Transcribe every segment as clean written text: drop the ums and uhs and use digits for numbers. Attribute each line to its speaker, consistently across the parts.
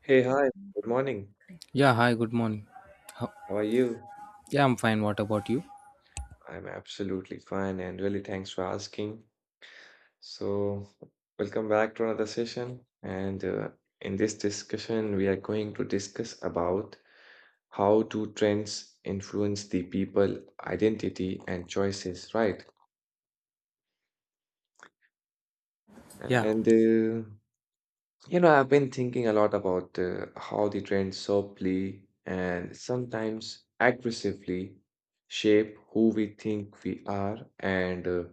Speaker 1: Hey, hi, good morning.
Speaker 2: Yeah, hi, good morning. Ho-
Speaker 1: How are you?
Speaker 2: Yeah, I'm fine. What about you?
Speaker 1: I'm absolutely fine and really thanks for asking. So, welcome back to another session. And In this discussion, we are going to discuss about how do trends influence the people identity and choices, right?
Speaker 2: Yeah,
Speaker 1: And You know, I've been thinking a lot about how the trends softly and sometimes aggressively shape who we think we are and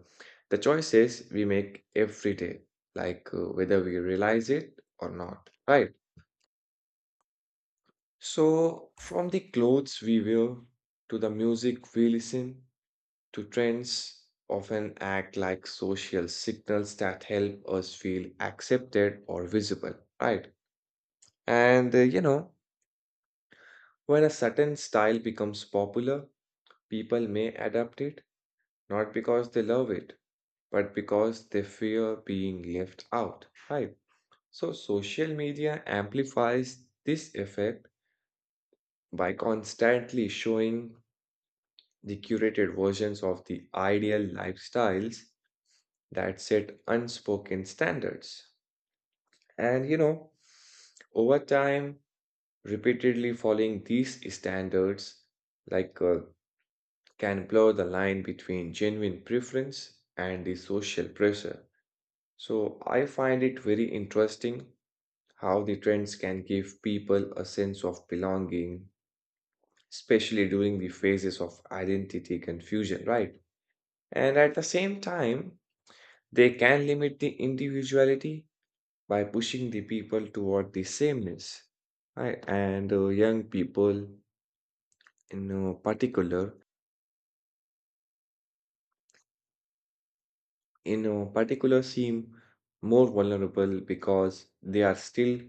Speaker 1: the choices we make every day, like whether we realize it or not, right? So, from the clothes we wear to the music we listen to, trends often act like social signals that help us feel accepted or visible, right? And you know, when a certain style becomes popular, people may adapt it not because they love it, but because they fear being left out. Right. So social media amplifies this effect by constantly showing the curated versions of the ideal lifestyles that set unspoken standards. And you know, over time, repeatedly following these standards, like uh, can blur the line between genuine preference and the social pressure. So I find it very interesting how the trends can give people a sense of belonging, especially during the phases of identity confusion, right? And at the same time, they can limit the individuality by pushing the people toward the sameness. Right? And Young people, in uh, particular, in a particular seem more vulnerable because they are still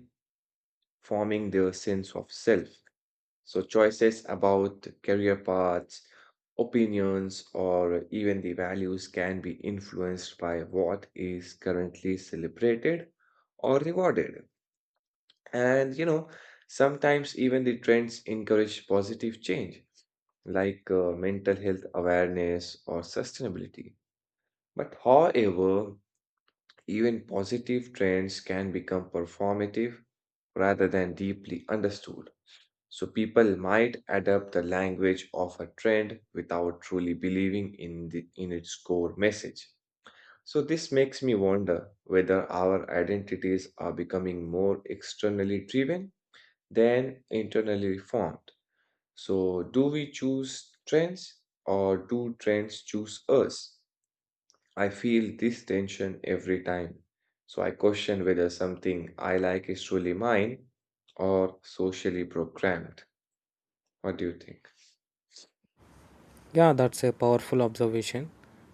Speaker 1: forming their sense of self. So, choices about career paths, opinions, or even the values can be influenced by what is currently celebrated or rewarded. And you know, sometimes even the trends encourage positive change like mental health awareness or sustainability. But however, even positive trends can become performative rather than deeply understood. So people might adopt the language of a trend without truly believing in its core message. So this makes me wonder whether our identities are becoming more externally driven than internally formed. So do we choose trends or do trends choose us? I feel this tension every time, so I question whether something I like is truly mine or socially programmed. What do you think?
Speaker 2: yeah, That's a powerful observation.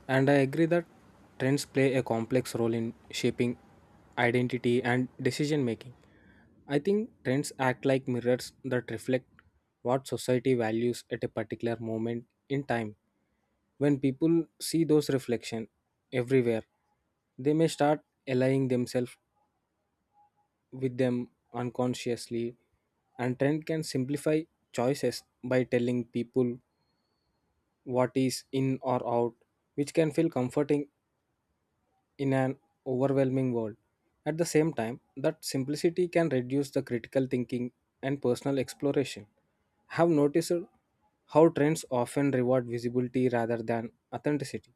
Speaker 2: And I agree that trends play a complex role in shaping identity and decision making. I think trends act like mirrors that reflect what society values at a particular moment in time. When people see those reflections everywhere, they may start aligning themselves with them unconsciously, and trend can simplify choices by telling people what is in or out, which can feel comforting in an overwhelming world. At the same time, that simplicity can reduce the critical thinking and personal exploration. I have noticed how trends often reward visibility rather than authenticity.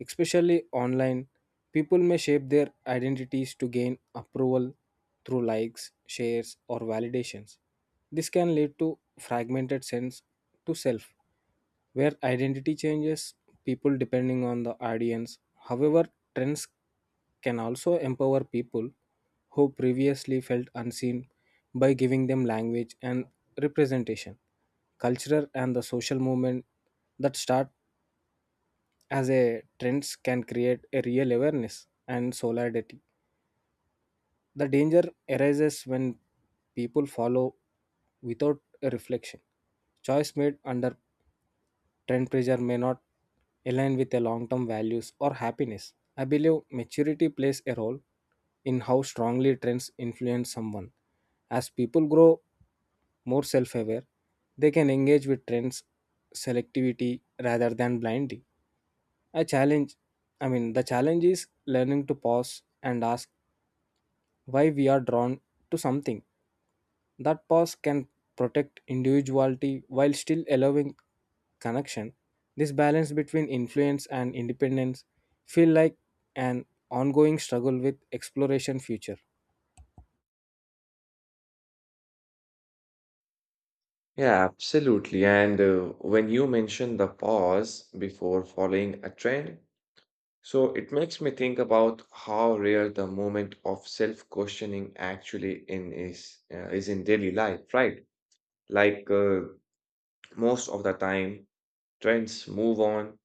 Speaker 2: Especially online, people may shape their identities to gain approval through likes, shares, or validations. This can lead to fragmented sense to self where identity changes people depending on the audience. However, trends can also empower people who previously felt unseen by giving them language and representation. Cultural and the social movement that start as a trends can create a real awareness and solidarity. The danger arises when people follow without a reflection. Choice made under trend pressure may not align with their long-term values or happiness. I believe maturity plays a role in how strongly trends influence someone. As people grow more self-aware, they can engage with trends selectivity rather than blindly. A challenge I mean the challenge is learning to pause and ask why we are drawn to something. That pause can protect individuality while still allowing connection. This balance between influence and independence feel like an ongoing struggle with exploration future.
Speaker 1: Yeah, absolutely. And When you mention the pause before following a trend, so it makes me think about how rare the moment of self-questioning actually in is in daily life, right? Like most of the time, trends move on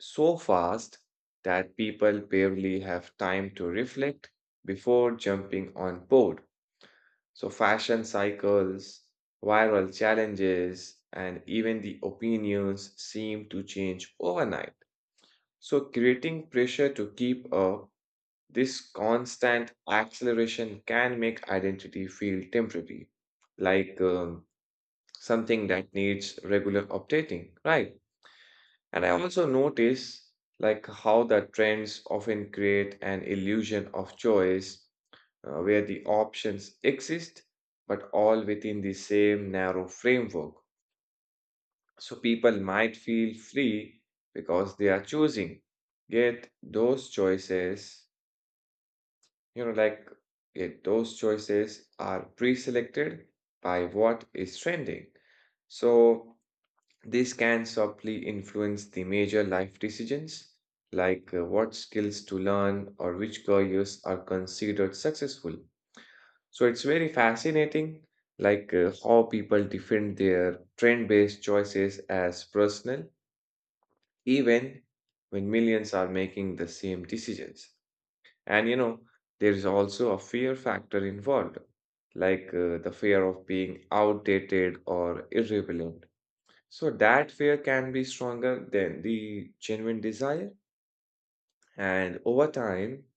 Speaker 1: so fast that people barely have time to reflect before jumping on board. So, fashion cycles, viral challenges, and even the opinions seem to change overnight. So, creating pressure to keep up, this constant acceleration can make identity feel temporary, like something that needs regular updating, right? And I also notice like how the trends often create an illusion of choice where the options exist but all within the same narrow framework. So people might feel free because they are choosing. Yet those choices, you know, like yet those choices are pre-selected by what is trending. So this can softly influence the major life decisions, like what skills to learn or which careers are considered successful. So it's very fascinating, like how people defend their trend based choices as personal, even when millions are making the same decisions. And you know, there is also a fear factor involved, like the fear of being outdated or irrelevant. So that fear can be stronger than the genuine desire. And over time,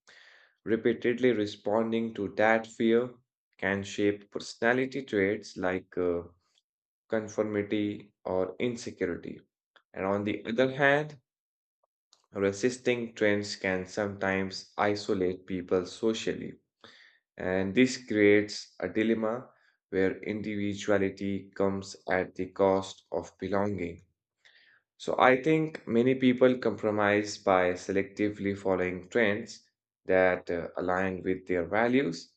Speaker 1: repeatedly responding to that fear can shape personality traits like conformity or insecurity. And on the other hand, resisting trends can sometimes isolate people socially. And this creates a dilemma where individuality comes at the cost of belonging. So I think many people compromise by selectively following trends that align with their values,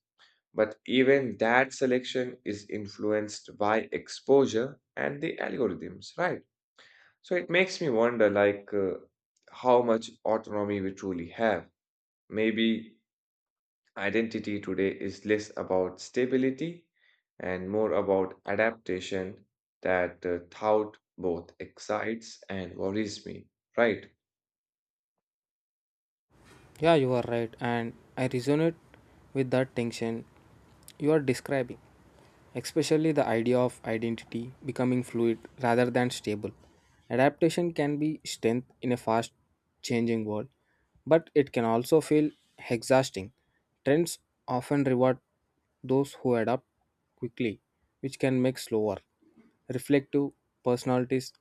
Speaker 1: but even that selection is influenced by exposure and the algorithms, right? So it makes me wonder like how much autonomy we truly have. Maybe identity today is less about stability and more about adaptation, that thought both excites and worries me, right?
Speaker 2: Yeah, you are right, and I resonate with that tension you are describing, especially the idea of identity becoming fluid rather than stable. Adaptation can be strength in a fast changing world, but it can also feel exhausting. Trends often reward those who adapt quickly, which can make slower, reflective personalities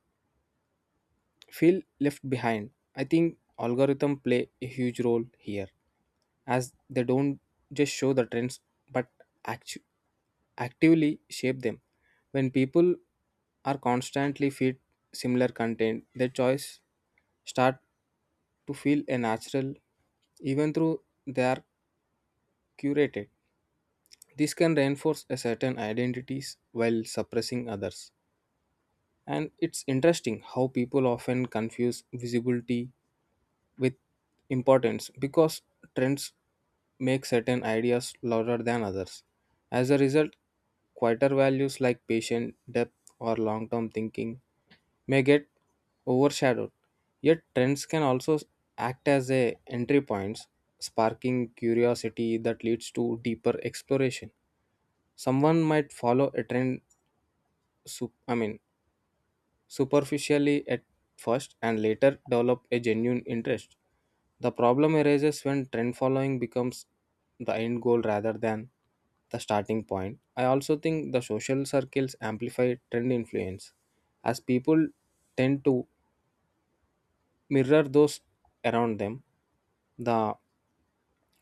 Speaker 2: feel left behind. I think algorithm play a huge role here as they don't just show the trends but actu- actively shape them. When people are constantly feed similar content, their choice start to feel a natural even though they are curated. This can reinforce a certain identities while suppressing others. And it's interesting how people often confuse visibility with importance because trends make certain ideas louder than others. As a result, quieter values like patient depth, or long term thinking may get overshadowed. Yet, trends can also act as a entry points, sparking curiosity that leads to deeper exploration. Someone might follow a trend, sup- I mean, superficially at first, and later develop a genuine interest. The problem arises when trend following becomes the end goal rather than the starting point. I also think the social circles amplify trend influence as people tend to mirror those around them. The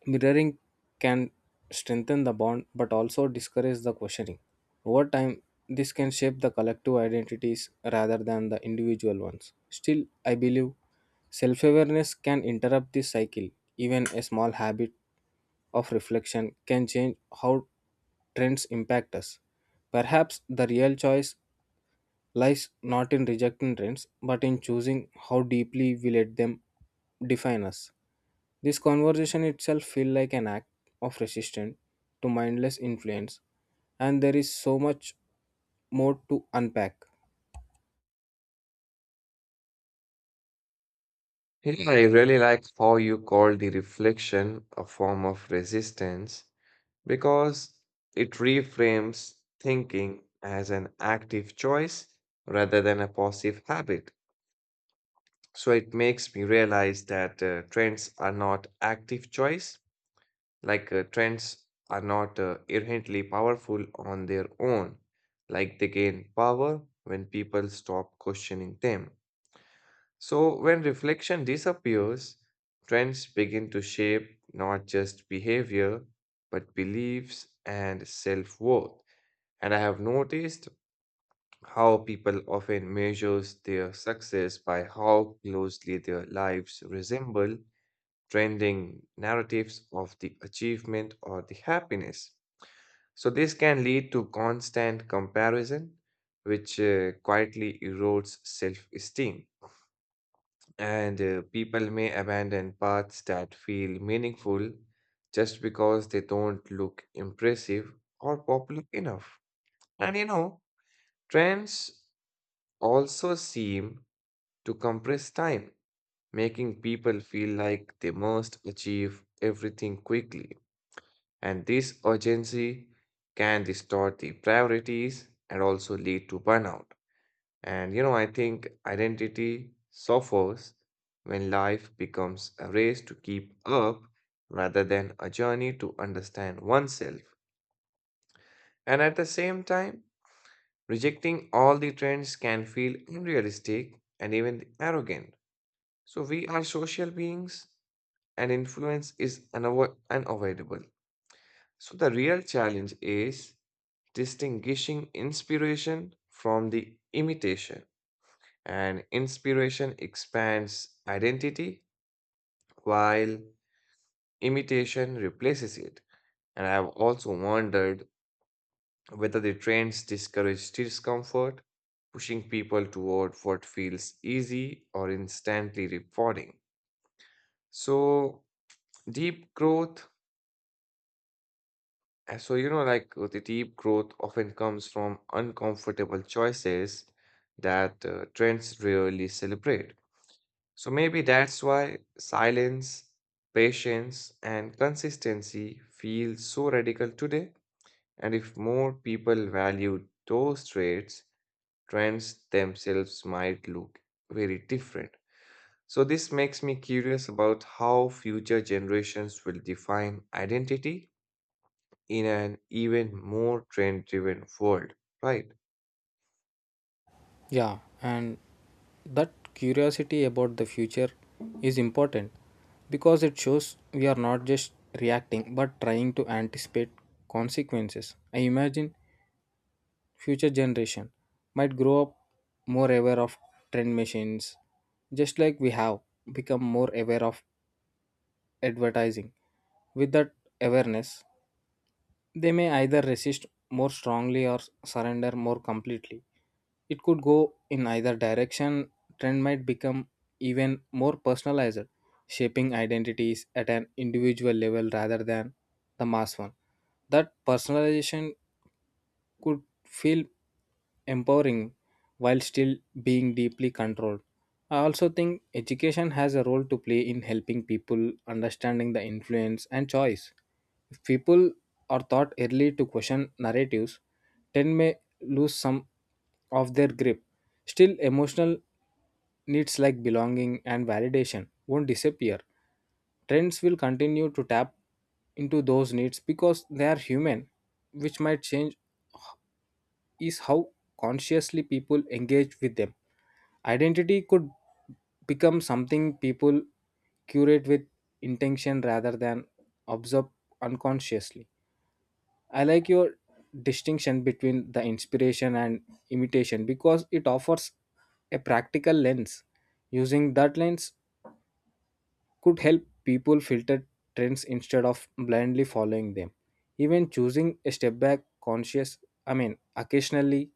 Speaker 2: mirroring can strengthen the bond but also discourage the questioning. Over time, this can shape the collective identities rather than the individual ones. Still, I believe self awareness can interrupt this cycle. Even a small habit of reflection can change how trends impact us. Perhaps the real choice lies not in rejecting trends but in choosing how deeply we let them define us. This conversation itself feels like an act of resistance to mindless influence, and there is so much more to unpack.
Speaker 1: Yeah, I really like how you call the reflection a form of resistance because it reframes thinking as an active choice rather than a passive habit. So it makes me realize that trends are not active choice, like trends are not inherently powerful on their own, like they gain power when people stop questioning them. So, when reflection disappears, trends begin to shape not just behavior, but beliefs and self worth. And I have noticed how people often measures their success by how closely their lives resemble trending narratives of the achievement or the happiness. So, this can lead to constant comparison, which quietly erodes self esteem. And people may abandon paths that feel meaningful just because they don't look impressive or popular enough. And you know, trends also seem to compress time, making people feel like they must achieve everything quickly. And this urgency can distort the priorities and also lead to burnout. And you know, I think identity suffers when life becomes a race to keep up rather than a journey to understand oneself. And at the same time, rejecting all the trends can feel unrealistic and even arrogant. So we are social beings and influence is unavoidable. So the real challenge is distinguishing inspiration from the imitation. And inspiration expands identity while imitation replaces it. And I have also wondered whether the trends discourage discomfort, pushing people toward what feels easy or instantly rewarding. So, deep growth, the deep growth often comes from uncomfortable choices that trends rarely celebrate. So maybe that's why silence, patience, and consistency feel so radical today. And if more people valued those traits, trends themselves might look very different. So, this makes me curious about how future generations will define identity in an even more trend driven world, right?
Speaker 2: Yeah, and that curiosity about the future is important because it shows we are not just reacting but trying to anticipate consequences. I imagine future generation might grow up more aware of trend machines, just like we have become more aware of advertising. With that awareness, they may either resist more strongly or surrender more completely. It could go in either direction. Trend might become even more personalized, shaping identities at an individual level rather than the mass one. That personalization could feel empowering while still being deeply controlled. I also think education has a role to play in helping people understanding the influence and choice. If people are taught early to question narratives, then may lose some of their grip. Still, emotional needs like belonging and validation won't disappear. Trends will continue to tap into those needs because they are human, which might change is how consciously people engage with them. Identity could become something people curate with intention rather than observe unconsciously. I like your distinction between the inspiration and imitation because it offers a practical lens. Using that lens could help people filter trends instead of blindly following them. Even choosing a step back conscious, occasionally,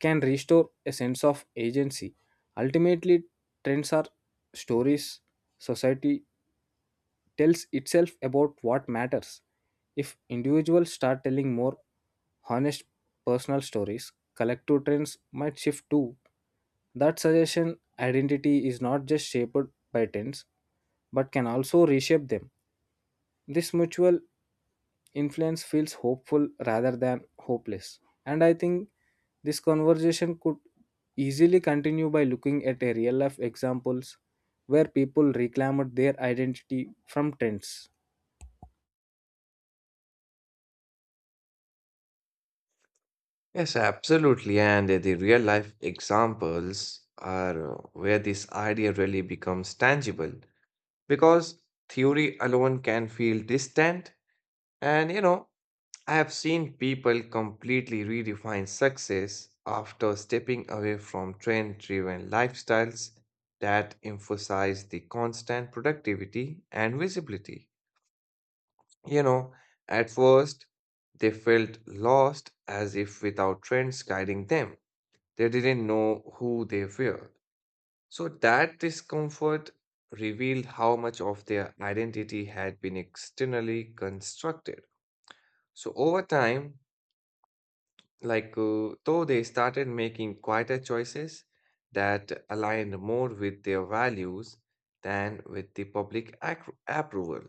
Speaker 2: can restore a sense of agency. Ultimately, trends are stories society tells itself about what matters. If individuals start telling more honest personal stories, collective trends might shift too. That suggestion identity is not just shaped by trends but can also reshape them. This mutual influence feels hopeful rather than hopeless. And I think this conversation could easily continue by looking at a real life examples where people reclaimed their identity from trends.
Speaker 1: Yes, absolutely. And The real life examples are where this idea really becomes tangible because theory alone can feel distant. And you know, I have seen people completely redefine success after stepping away from trend-driven lifestyles that emphasize the constant productivity and visibility. You know, at first, they felt lost as if without trends guiding them. They didn't know who they were. So that discomfort revealed how much of their identity had been externally constructed. So over time, though they started making quieter choices that aligned more with their values than with the public approval.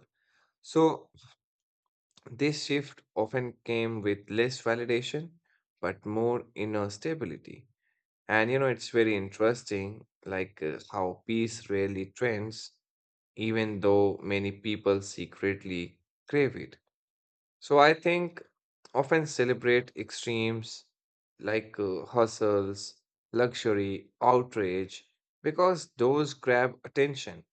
Speaker 1: So this shift often came with less validation but more inner stability. And you know, it's very interesting, like how peace rarely trends, even though many people secretly crave it. So I think often celebrate extremes like hustles, luxury, outrage, because those grab attention.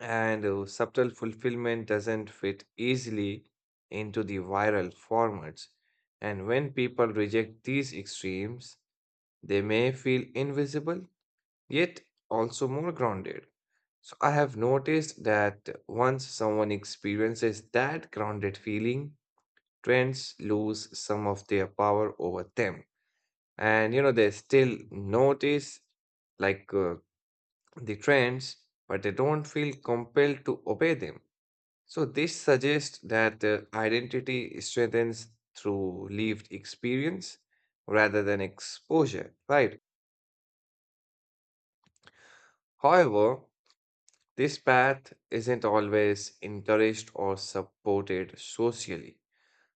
Speaker 1: And subtle fulfillment doesn't fit easily into the viral formats. And when people reject these extremes, they may feel invisible yet also more grounded. So I have noticed that once someone experiences that grounded feeling, trends lose some of their power over them. And you know, they still notice like uh, the trends, but they don't feel compelled to obey them. So this suggests that identity strengthens through lived experience rather than exposure, right? However, this path isn't always encouraged or supported socially.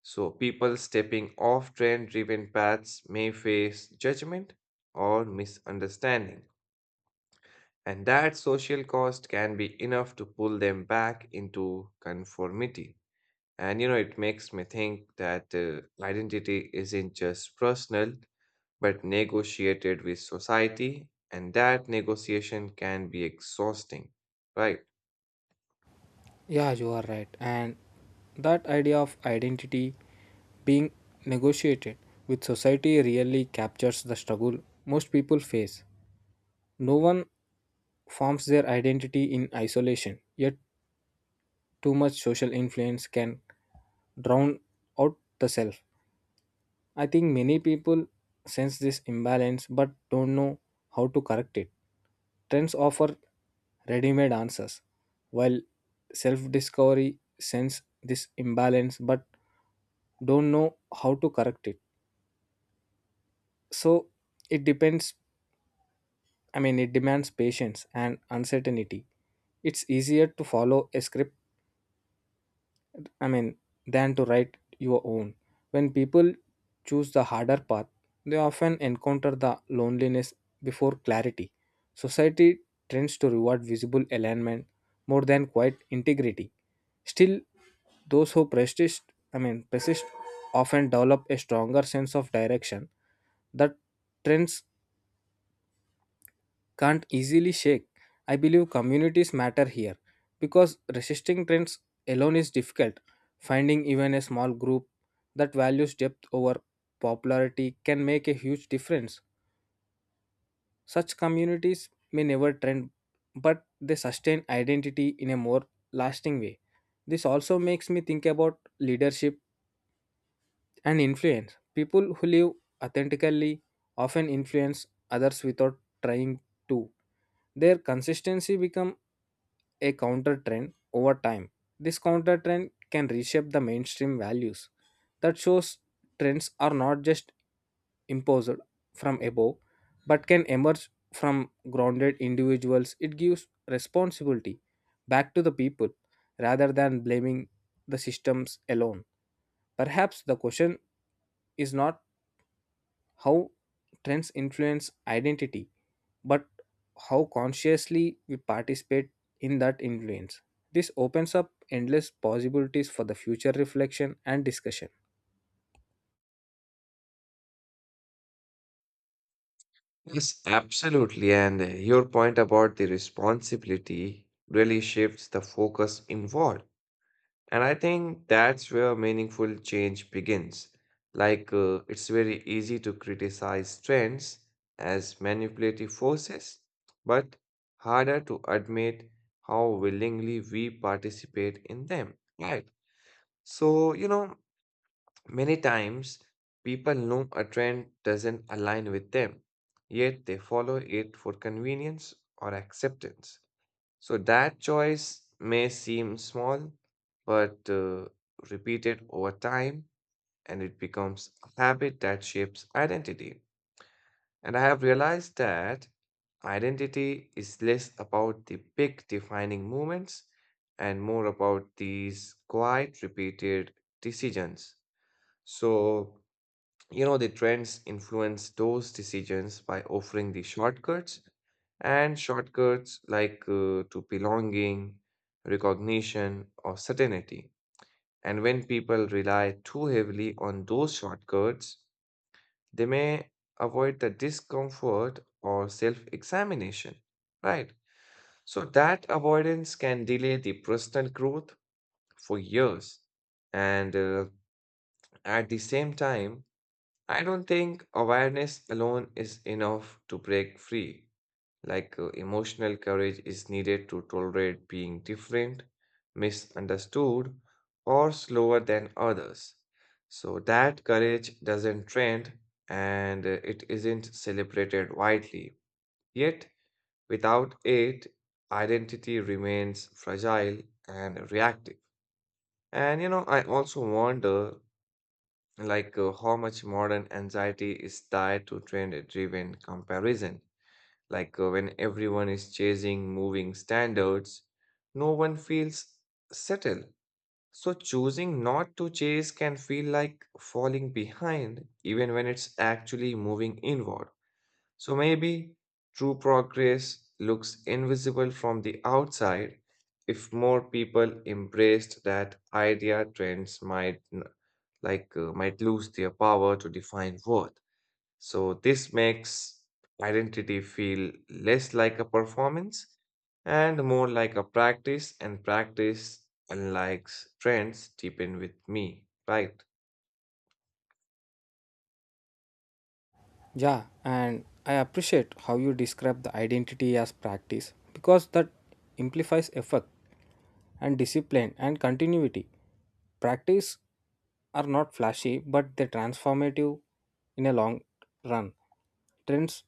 Speaker 1: So, people stepping off trend driven paths may face judgment or misunderstanding. And that social cost can be enough to pull them back into conformity. And you know, it makes me think that identity isn't just personal, but negotiated with society, and that negotiation can be exhausting, right?
Speaker 2: Yeah, you are right. And that idea of identity being negotiated with society really captures the struggle most people face. No one forms their identity in isolation, yet too much social influence can drown out the self. I think many people sense this imbalance but don't know how to correct it. Trends offer ready made answers, while self discovery sense this imbalance but don't know how to correct it. So it depends, it demands patience and uncertainty. It's easier to follow a script I mean, than to write your own. When people choose the harder path, they often encounter the loneliness before clarity. Society tends to reward visible alignment more than quiet integrity. Still, those who persist often develop a stronger sense of direction that trends can't easily shake. I believe communities matter here because resisting trends alone is difficult. Finding even a small group that values depth over popularity can make a huge difference. Such communities may never trend, but they sustain identity in a more lasting way. This also makes me think about leadership and influence. People who live authentically often influence others without trying to. Their consistency become a counter trend over time. This counter trend can reshape the mainstream values. That shows trends are not just imposed from above but can emerge from grounded individuals. It gives responsibility back to the people rather than blaming the systems alone. Perhaps the question is not how trends influence identity, but how consciously we participate in that influence. This opens up endless possibilities for the future reflection and discussion.
Speaker 1: Yes, absolutely. And Your point about the responsibility really shifts the focus involved. And I think that's where meaningful change begins. Like, it's very easy to criticize trends as manipulative forces, but harder to admit how willingly we participate in them. Right. So, you know, many times, people know a trend doesn't align with them, yet they follow it for convenience or acceptance. So that choice may seem small, but repeated over time, and it becomes a habit that shapes identity. And I have realized that identity is less about the big defining moments and more about these quiet, repeated decisions. So, you know, the trends influence those decisions by offering the shortcuts, and shortcuts like to belonging, recognition, or certainty. And when people rely too heavily on those shortcuts, they may avoid the discomfort or self-examination, right? So that avoidance can delay the personal growth for years. And At the same time, I don't think awareness alone is enough to break free. Like emotional courage is needed to tolerate being different, misunderstood, or slower than others. So that courage doesn't trend and it isn't celebrated widely. Yet, without it, identity remains fragile and reactive. And you know, I also wonder like how much modern anxiety is tied to trend driven comparison, like when everyone is chasing moving standards, no one feels settled. So choosing not to chase can feel like falling behind even when it's actually moving inward. So maybe true progress looks invisible from the outside. If more people embraced that idea, trends might n- like might lose their power to define worth. So this makes identity feel less like a performance and more like a practice, and practice unlike trends deepen with me, right?
Speaker 2: Yeah, and I appreciate how you describe the identity as practice because that implies effort and discipline and continuity. Practice are not flashy, but they're transformative in a long run. Trends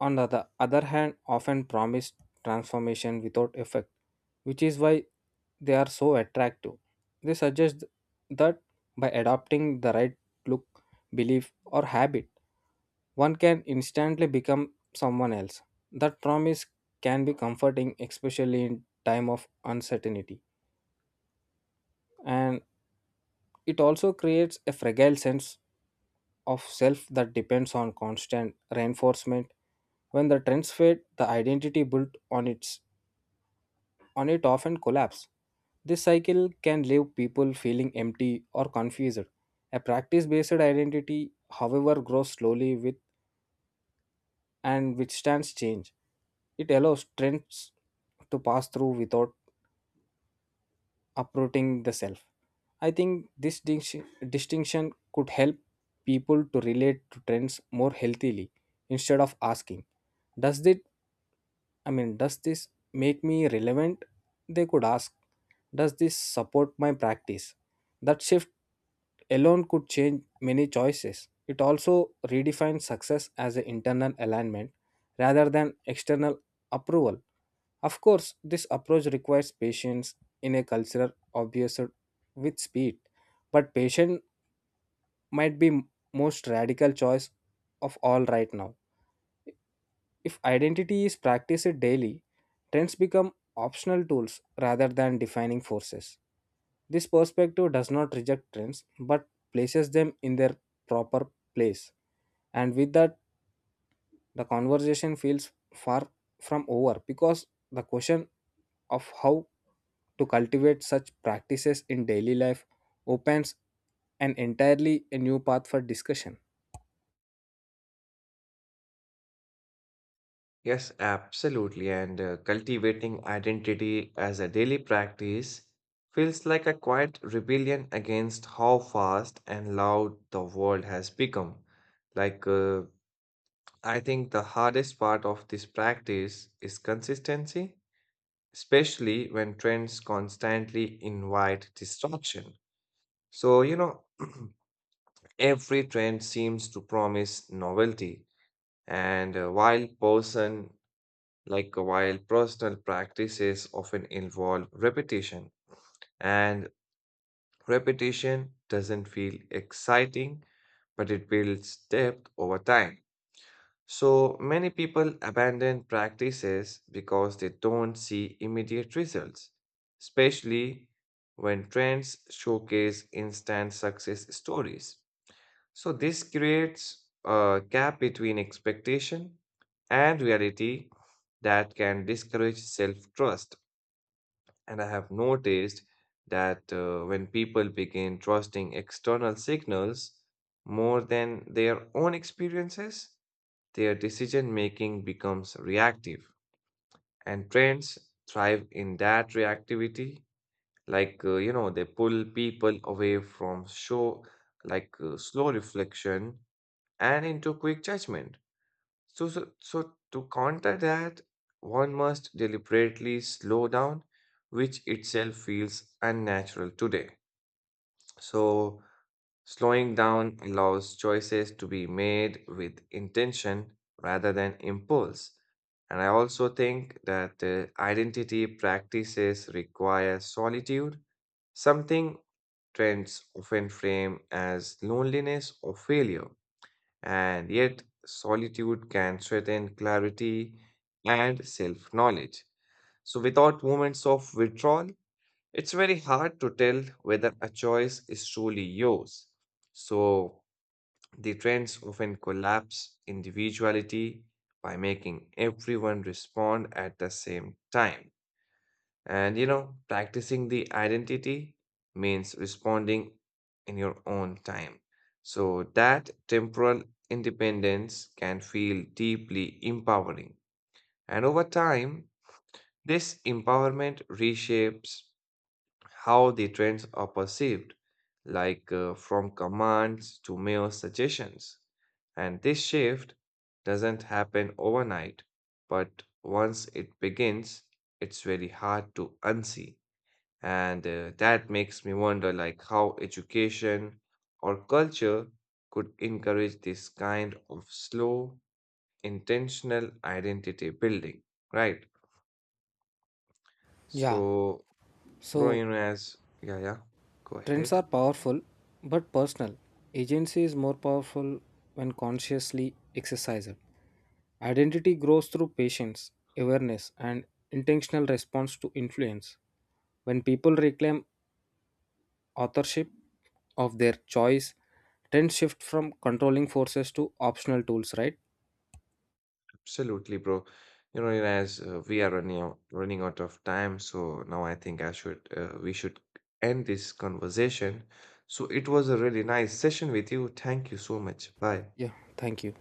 Speaker 2: on the other hand, often promise transformation without effect, which is why they are so attractive. They suggest that by adopting the right look, belief, or habit, one can instantly become someone else. That promise can be comforting, especially in time of uncertainty. And it also creates a fragile sense of self that depends on constant reinforcement. When the trends fade, the identity built on it often collapse. This cycle can leave people feeling empty or confused. A practice-based identity, however, grows slowly with and withstands change. It allows trends to pass through without uprooting the self. I think this distinction could help people to relate to trends more healthily. Instead of asking, does it I mean does this make me relevant? They could ask, does this support my practice? That shift alone could change many choices. It also redefines success as an internal alignment rather than external approval. Of course, this approach requires patience in a culture obsessed with speed, but patience might be most radical choice of all right now. If identity is practiced daily, trends become optional tools rather than defining forces. This perspective does not reject trends but places them in their proper place. And with that, the conversation feels far from over because the question of how to cultivate such practices in daily life opens an entirely new path for discussion.
Speaker 1: Yes, absolutely. And Cultivating identity as a daily practice feels like a quiet rebellion against how fast and loud the world has become. Like, I think the hardest part of this practice is consistency, especially when trends constantly invite distraction. So, you know, every trend seems to promise novelty, and while person like while personal practices often involve repetition, and repetition doesn't feel exciting, but it builds depth over time. So many people abandon practices because they don't see immediate results, especially when trends showcase instant success stories. So this creates a gap between expectation and reality that can discourage self-trust. And I have noticed that when people begin trusting external signals more than their own experiences, their decision making becomes reactive. And trends thrive in that reactivity. Like, you know, they pull people away from show, like slow reflection and into quick judgment. So to counter that, one must deliberately slow down, which itself feels unnatural today. So, slowing down allows choices to be made with intention rather than impulse. And I also think that identity practices require solitude, something trends often frame as loneliness or failure. And yet, solitude can threaten clarity and self knowledge. So, without moments of withdrawal, it's very hard to tell whether a choice is truly yours. So, the trends often collapse individuality by making everyone respond at the same time. And you know, practicing the identity means responding in your own time. So that temporal independence can feel deeply empowering. And over time, this empowerment reshapes how the trends are perceived, like from commands to mere suggestions. And this shift doesn't happen overnight, but once it begins, it's very hard to unsee. And that makes me wonder like how education or culture could encourage this kind of slow, intentional identity building, right?
Speaker 2: Yeah,
Speaker 1: So, bro,
Speaker 2: so
Speaker 1: you know, as yeah, yeah, go
Speaker 2: trends
Speaker 1: ahead.
Speaker 2: are powerful but personal. Agency is more powerful when consciously exercised. Identity grows through patience, awareness, and intentional response to influence. When people reclaim authorship of their choice, trends shift from controlling forces to optional tools, right?
Speaker 1: Absolutely, bro. You know, as we are running out of time, so now I think I should we should end this conversation. So it was a really nice session with you. Thank you so much. Bye.
Speaker 2: Yeah, thank you.